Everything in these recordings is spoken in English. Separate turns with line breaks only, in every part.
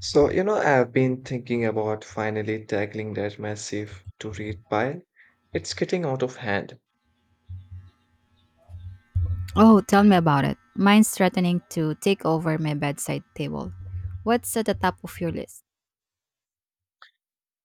So, you know, I've been thinking about finally tackling that massive to read pile. It's getting out of hand.
Oh, tell me about it. Mine's threatening to take over my bedside table. What's at the top of your list?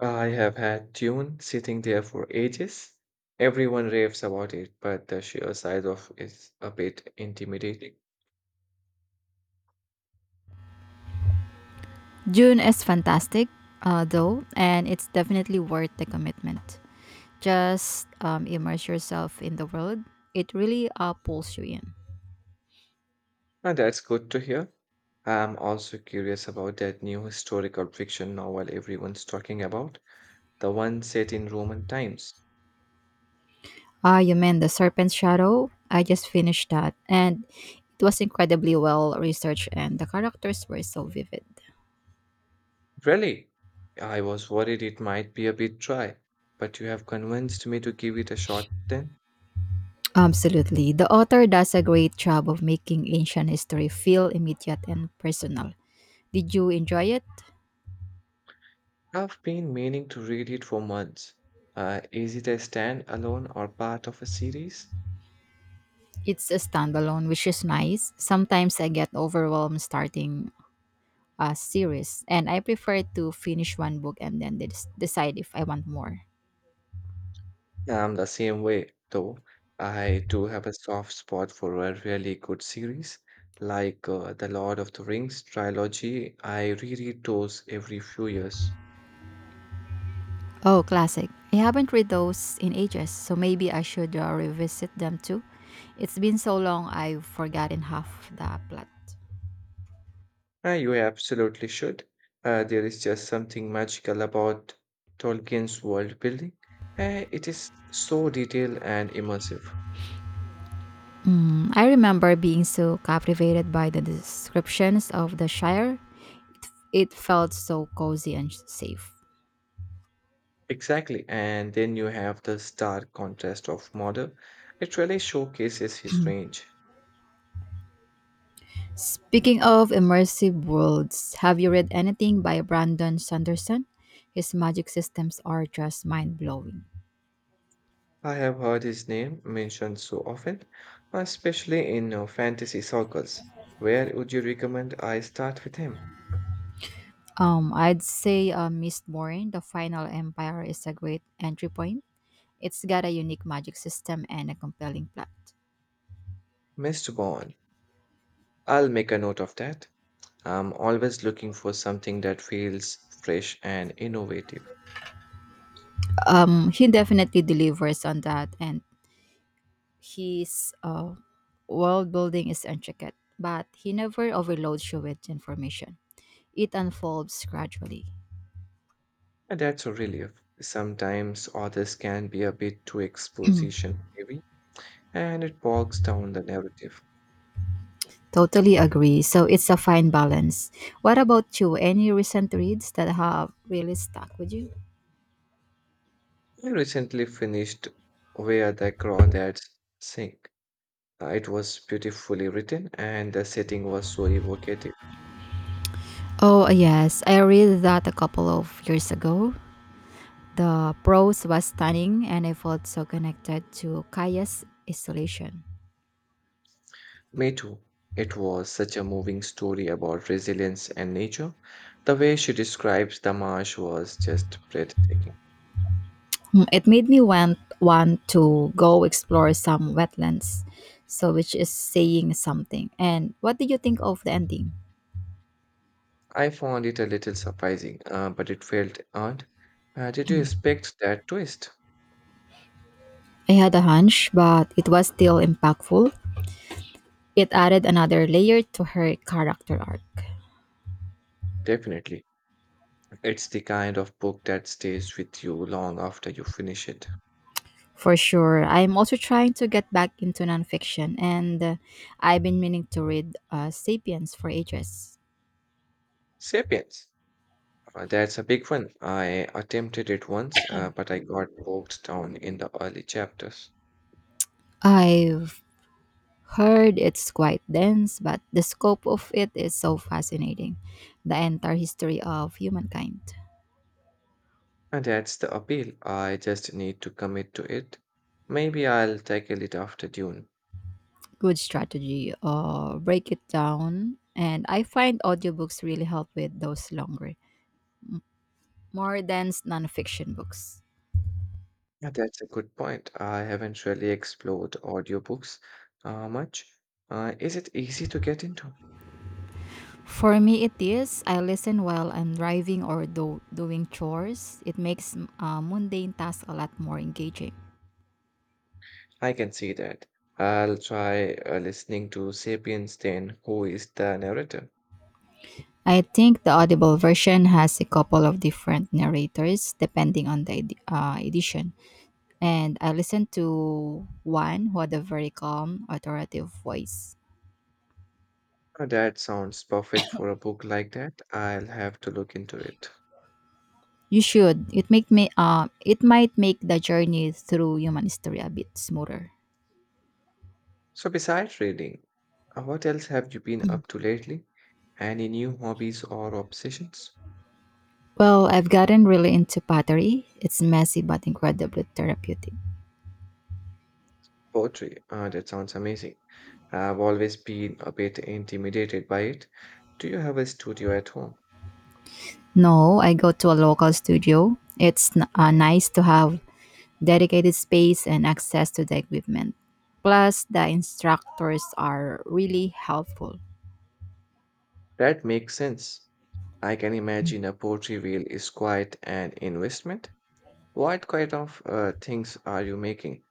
I have had Dune sitting there for ages. Everyone raves about it, but the sheer size of it's a bit intimidating.
June is fantastic, though, and it's definitely worth the commitment. Just immerse yourself in the world. It really pulls you in.
And that's good to hear. I'm also curious about that new historical fiction novel everyone's talking about, the one set in Roman times.
Ah, you mean the Serpent's Shadow? I just finished that, and it was incredibly well researched, and the characters were so vivid.
Really? I was worried it might be a bit dry, but you have convinced me to give it a shot then.
Absolutely. The author does a great job of making ancient history feel immediate and personal. Did you enjoy it?
I've been meaning to read it for months. Is it a stand-alone or part of a series?
It's a standalone, which is nice. Sometimes I get overwhelmed starting a series, and I prefer to finish one book and then decide if I want more.
I'm the same way, though. I do have a soft spot for a really good series, like the Lord of the Rings trilogy. I reread those every few years.
Oh, classic. I haven't read those in ages, so maybe I should revisit them too. It's been so long I've forgotten half the plot.
You absolutely should. There is just something magical about Tolkien's world building. It is so detailed and immersive.
Hmm, I remember being so captivated by the descriptions of the Shire. It felt so cozy and safe.
Exactly. And then you have the stark contrast of Mordor. It really showcases his range.
Speaking of immersive worlds, have you read anything by Brandon Sanderson? His magic systems are just mind blowing.
I have heard his name mentioned so often, especially in fantasy circles. Where would you recommend I start with him?
I'd say Mistborn, The Final Empire, is a great entry point. It's got a unique magic system and a compelling plot.
Mr. Bond? I'll make a note of that. I'm always looking for something that feels fresh and innovative,
He definitely delivers on that, and his world building is intricate, but he never overloads you with information. It unfolds gradually.
and that's a relief. Sometimes authors can be a bit too exposition heavy, and it bogs down the narrative.
Totally agree. So it's a fine balance. What about you? Any recent reads that have really stuck with you?
I recently finished Where the Crawdads Sing. It was beautifully written, and the setting was so evocative.
Oh, yes. I read that a couple of years ago. The prose was stunning and I felt so connected to Kaya's isolation.
Me too. It was such a moving story about resilience and nature. The way she describes the marsh was just breathtaking.
Hmm, it made me want to go explore some wetlands, so which is saying something. And what did you think of the ending?
I found it a little surprising, but it felt earned. Did you expect that twist?
I had a hunch, but it was still impactful. It added another layer to her character arc.
Definitely. It's the kind of book that stays with you long after you finish it.
For sure. I'm also trying to get back into nonfiction, and I've been meaning to read Sapiens for ages.
Sapiens. That's a big one. I attempted it once, but I got bogged down in the early chapters.
I've heard it's quite dense, but the scope of it is so fascinating. The entire history of humankind.
And that's the appeal. I just need to commit to it. Maybe I'll tackle it after Dune.
Good strategy. Break it down. And I find audiobooks really help with those longer, more dense nonfiction books.
Yeah, that's a good point. I haven't really explored audiobooks much. Is it easy to get into?
For me, it is. I listen while I'm driving or doing chores. It makes mundane tasks a lot more engaging.
I can see that. I'll try listening to Sapiens then, who is the narrator.
I think the Audible version has a couple of different narrators depending on the edition, and I listened to one who had a very calm, authoritative voice.
That sounds perfect for a book like that. I'll have to look into it.
You should. It make me. It might make the journey through human history a bit smoother.
So, besides reading, what else have you been up to lately? Any new hobbies or obsessions?
Well, I've gotten really into pottery. It's messy but incredibly therapeutic.
Poetry. Ah, that sounds amazing. I've always been a bit intimidated by it. Do you have a studio at home?
No, I go to a local studio. It's nice to have dedicated space and access to the equipment. Plus, the instructors are really helpful.
That makes sense. I can imagine a poetry wheel is quite an investment. What kind of things are you making?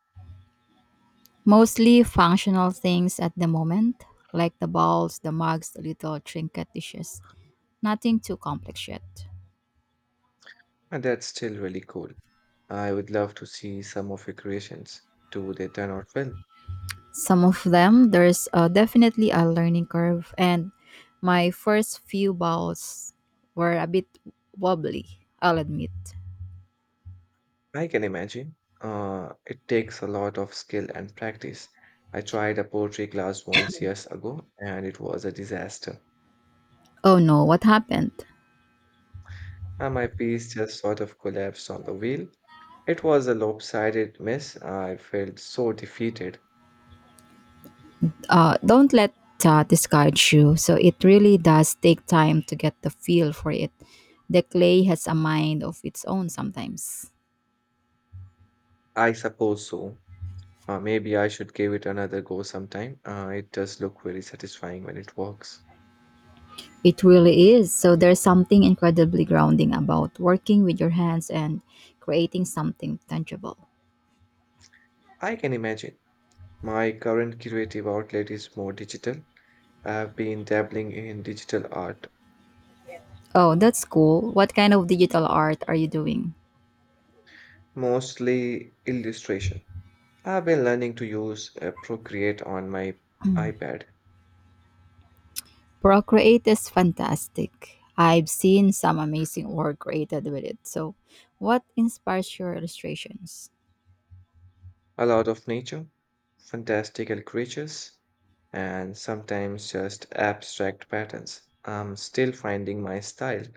Mostly functional things at the moment, like the bowls, the mugs, the little trinket dishes. Nothing too complex yet.
And that's still really cool. I would love to see some of your creations. Do they turn out well?
Some of them, there's definitely a learning curve, and my first few bowls were a bit wobbly, I'll admit.
I can imagine. It takes a lot of skill and practice. I tried a poetry class once years ago and it was a disaster.
Oh no, what happened?
And my piece just sort of collapsed on the wheel. It was a lopsided mess. I felt so defeated.
Don't let that discourage you. So it really does take time to get the feel for it. The clay has a mind of its own sometimes.
I suppose so. Maybe I should give it another go sometime. It does look very satisfying when it works.
It really is. So there's something incredibly grounding about working with your hands and creating something tangible.
I can imagine. My current creative outlet is more digital. I've been dabbling in digital art,
Oh, that's cool. What kind of digital art are you doing?
mostly illustration. I've been learning to use Procreate on my iPad.
Procreate is fantastic. I've seen some amazing work created with it. So, what inspires your illustrations?
A lot of nature, fantastical creatures, and sometimes just abstract patterns. I'm still finding my style.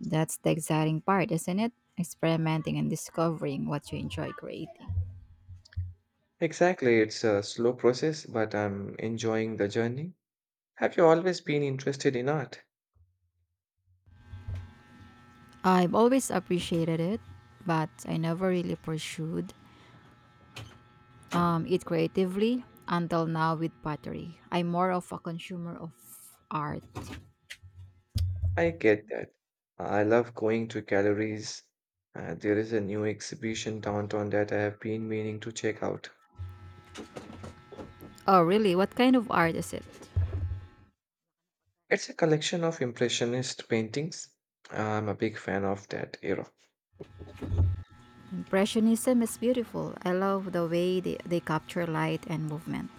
That's the exciting part, isn't it? Experimenting and discovering what you enjoy creating.
Exactly, it's a slow process, but I'm enjoying the journey. Have you always been interested in art?
I've always appreciated it, but I never really pursued it creatively until now with pottery. I'm more of a consumer of art.
I get that. I love going to galleries. There is a new exhibition downtown that I have been meaning to check out.
Oh, really? What kind of art is it?
It's a collection of impressionist paintings. I'm a big fan of that era.
Impressionism is beautiful. I love the way they capture light and movement.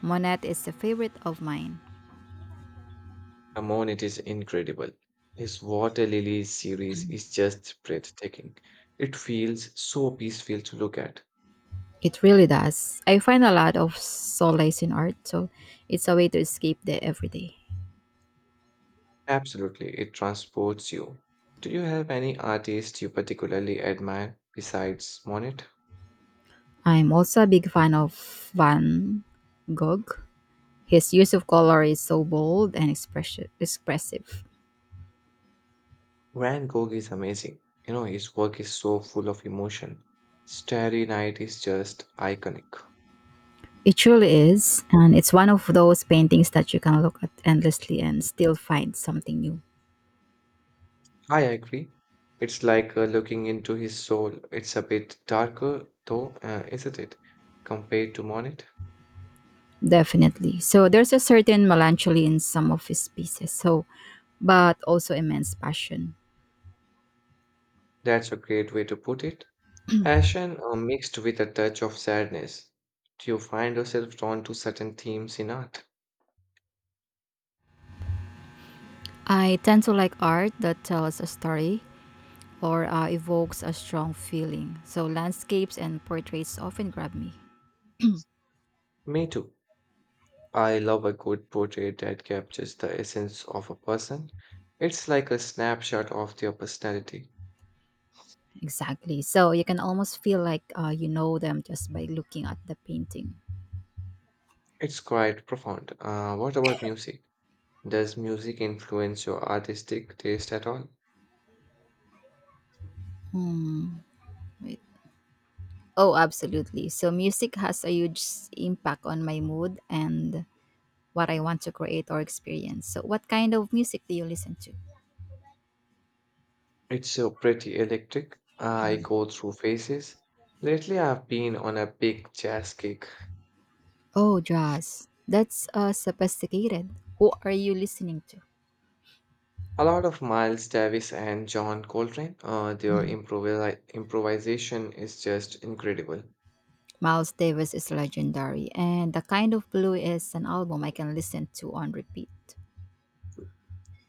Monet is a favorite of mine.
Amon, it is incredible. His Water Lilies series is just breathtaking. It feels so peaceful to look at.
It really does. I find a lot of solace in art, so it's a way to escape the everyday.
Absolutely, it transports you. Do you have any artist you particularly admire besides Monet?
I'm also a big fan of Van Gogh. His use of color is so bold and expressive.
Van Gogh is amazing. You know, his work is so full of emotion. Starry Night is just iconic.
It truly is, and it's one of those paintings that you can look at endlessly and still find something new.
I agree. It's like looking into his soul. It's a bit darker, though, isn't it? Compared to Monet?
Definitely. So there's a certain melancholy in some of his pieces, so but also immense passion.
That's a great way to put it. Passion mixed with a touch of sadness. Do you find yourself drawn to certain themes in art?
I tend to like art that tells a story or evokes a strong feeling. So landscapes and portraits often grab me.
Me too. I love a good portrait that captures the essence of a person. It's like a snapshot of their personality.
Exactly. So you can almost feel like you know them just by looking at the painting.
It's quite profound. What about music? Does music influence your artistic taste at all?
Right. Oh, absolutely. So music has a huge impact on my mood and what I want to create or experience. So, what kind of music do you listen to?
It's so pretty electric. I go through phases. Lately, I've been on a big jazz kick.
Oh, jazz. That's sophisticated. Who are you listening to?
A lot of Miles Davis and John Coltrane, their
Mhm.
improvisation is just incredible.
Miles Davis is legendary, and The Kind of Blue is an album I can listen to on repeat.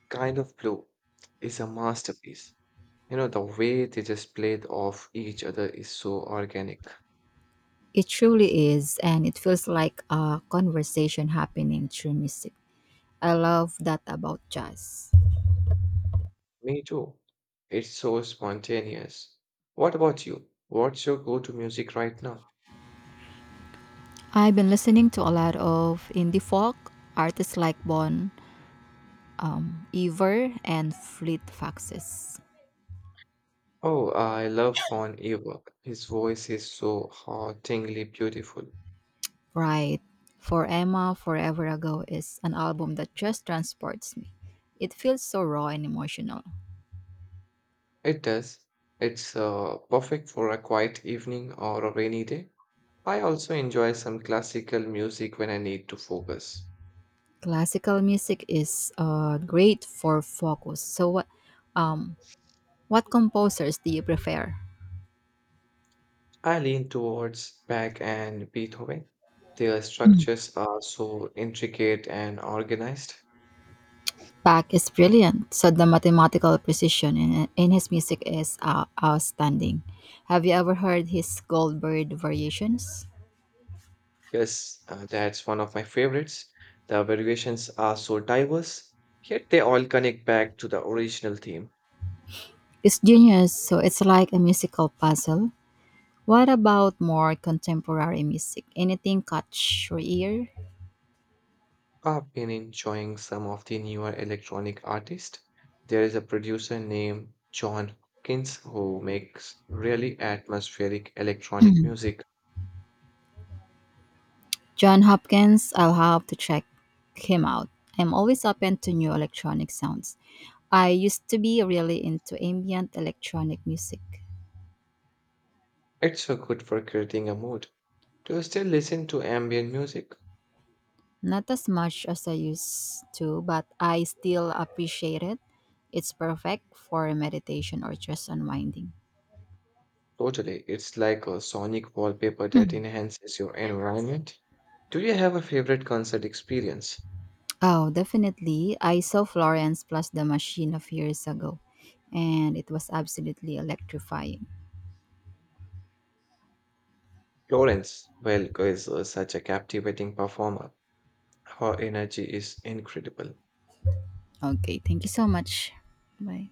Kind of Blue is a masterpiece. You know, the way they just played off each other is so organic.
It truly is, and it feels like a conversation happening through music. I love that about jazz.
Me too. It's so spontaneous. What about you? What's your go to music right now?
I've been listening to a lot of indie folk artists like Bon Iver and Fleet Foxes.
Oh, I love Bon Iver. His voice is so hauntingly beautiful.
Right. For Emma Forever Ago is an album that just transports me. It feels so raw and emotional.
It does. It's perfect for a quiet evening or a rainy day. I also enjoy some classical music when I need to focus.
Classical music is great for focus. So um what composers do you prefer?
I lean towards Bach and Beethoven. Their structures are so intricate and organized.
Bach is brilliant, so the mathematical precision in his music is outstanding. Have you ever heard his Goldbird variations?
Yes, that's one of my favorites. The variations are so diverse, yet they all connect back to the original theme.
It's genius, so it's like a musical puzzle. What about more contemporary music? Anything catch your ear?
I've been enjoying some of the newer electronic artists. There is a producer named John Hopkins who makes really atmospheric electronic music.
John Hopkins, I'll have to check him out. I'm always open to new electronic sounds. I used to be really into ambient electronic music.
It's so good for creating a mood. Do you still listen to ambient music?
Not as much as I used to, but I still appreciate it. It's perfect for meditation or just unwinding.
Totally. It's like a sonic wallpaper that
Mm.
enhances your environment. Do you have a favorite concert experience?
Oh, definitely. I saw Florence plus the machine a few years ago, and it was absolutely electrifying.
Florence Welk is such a captivating performer. Her energy is incredible.
Okay, thank you so much. Bye.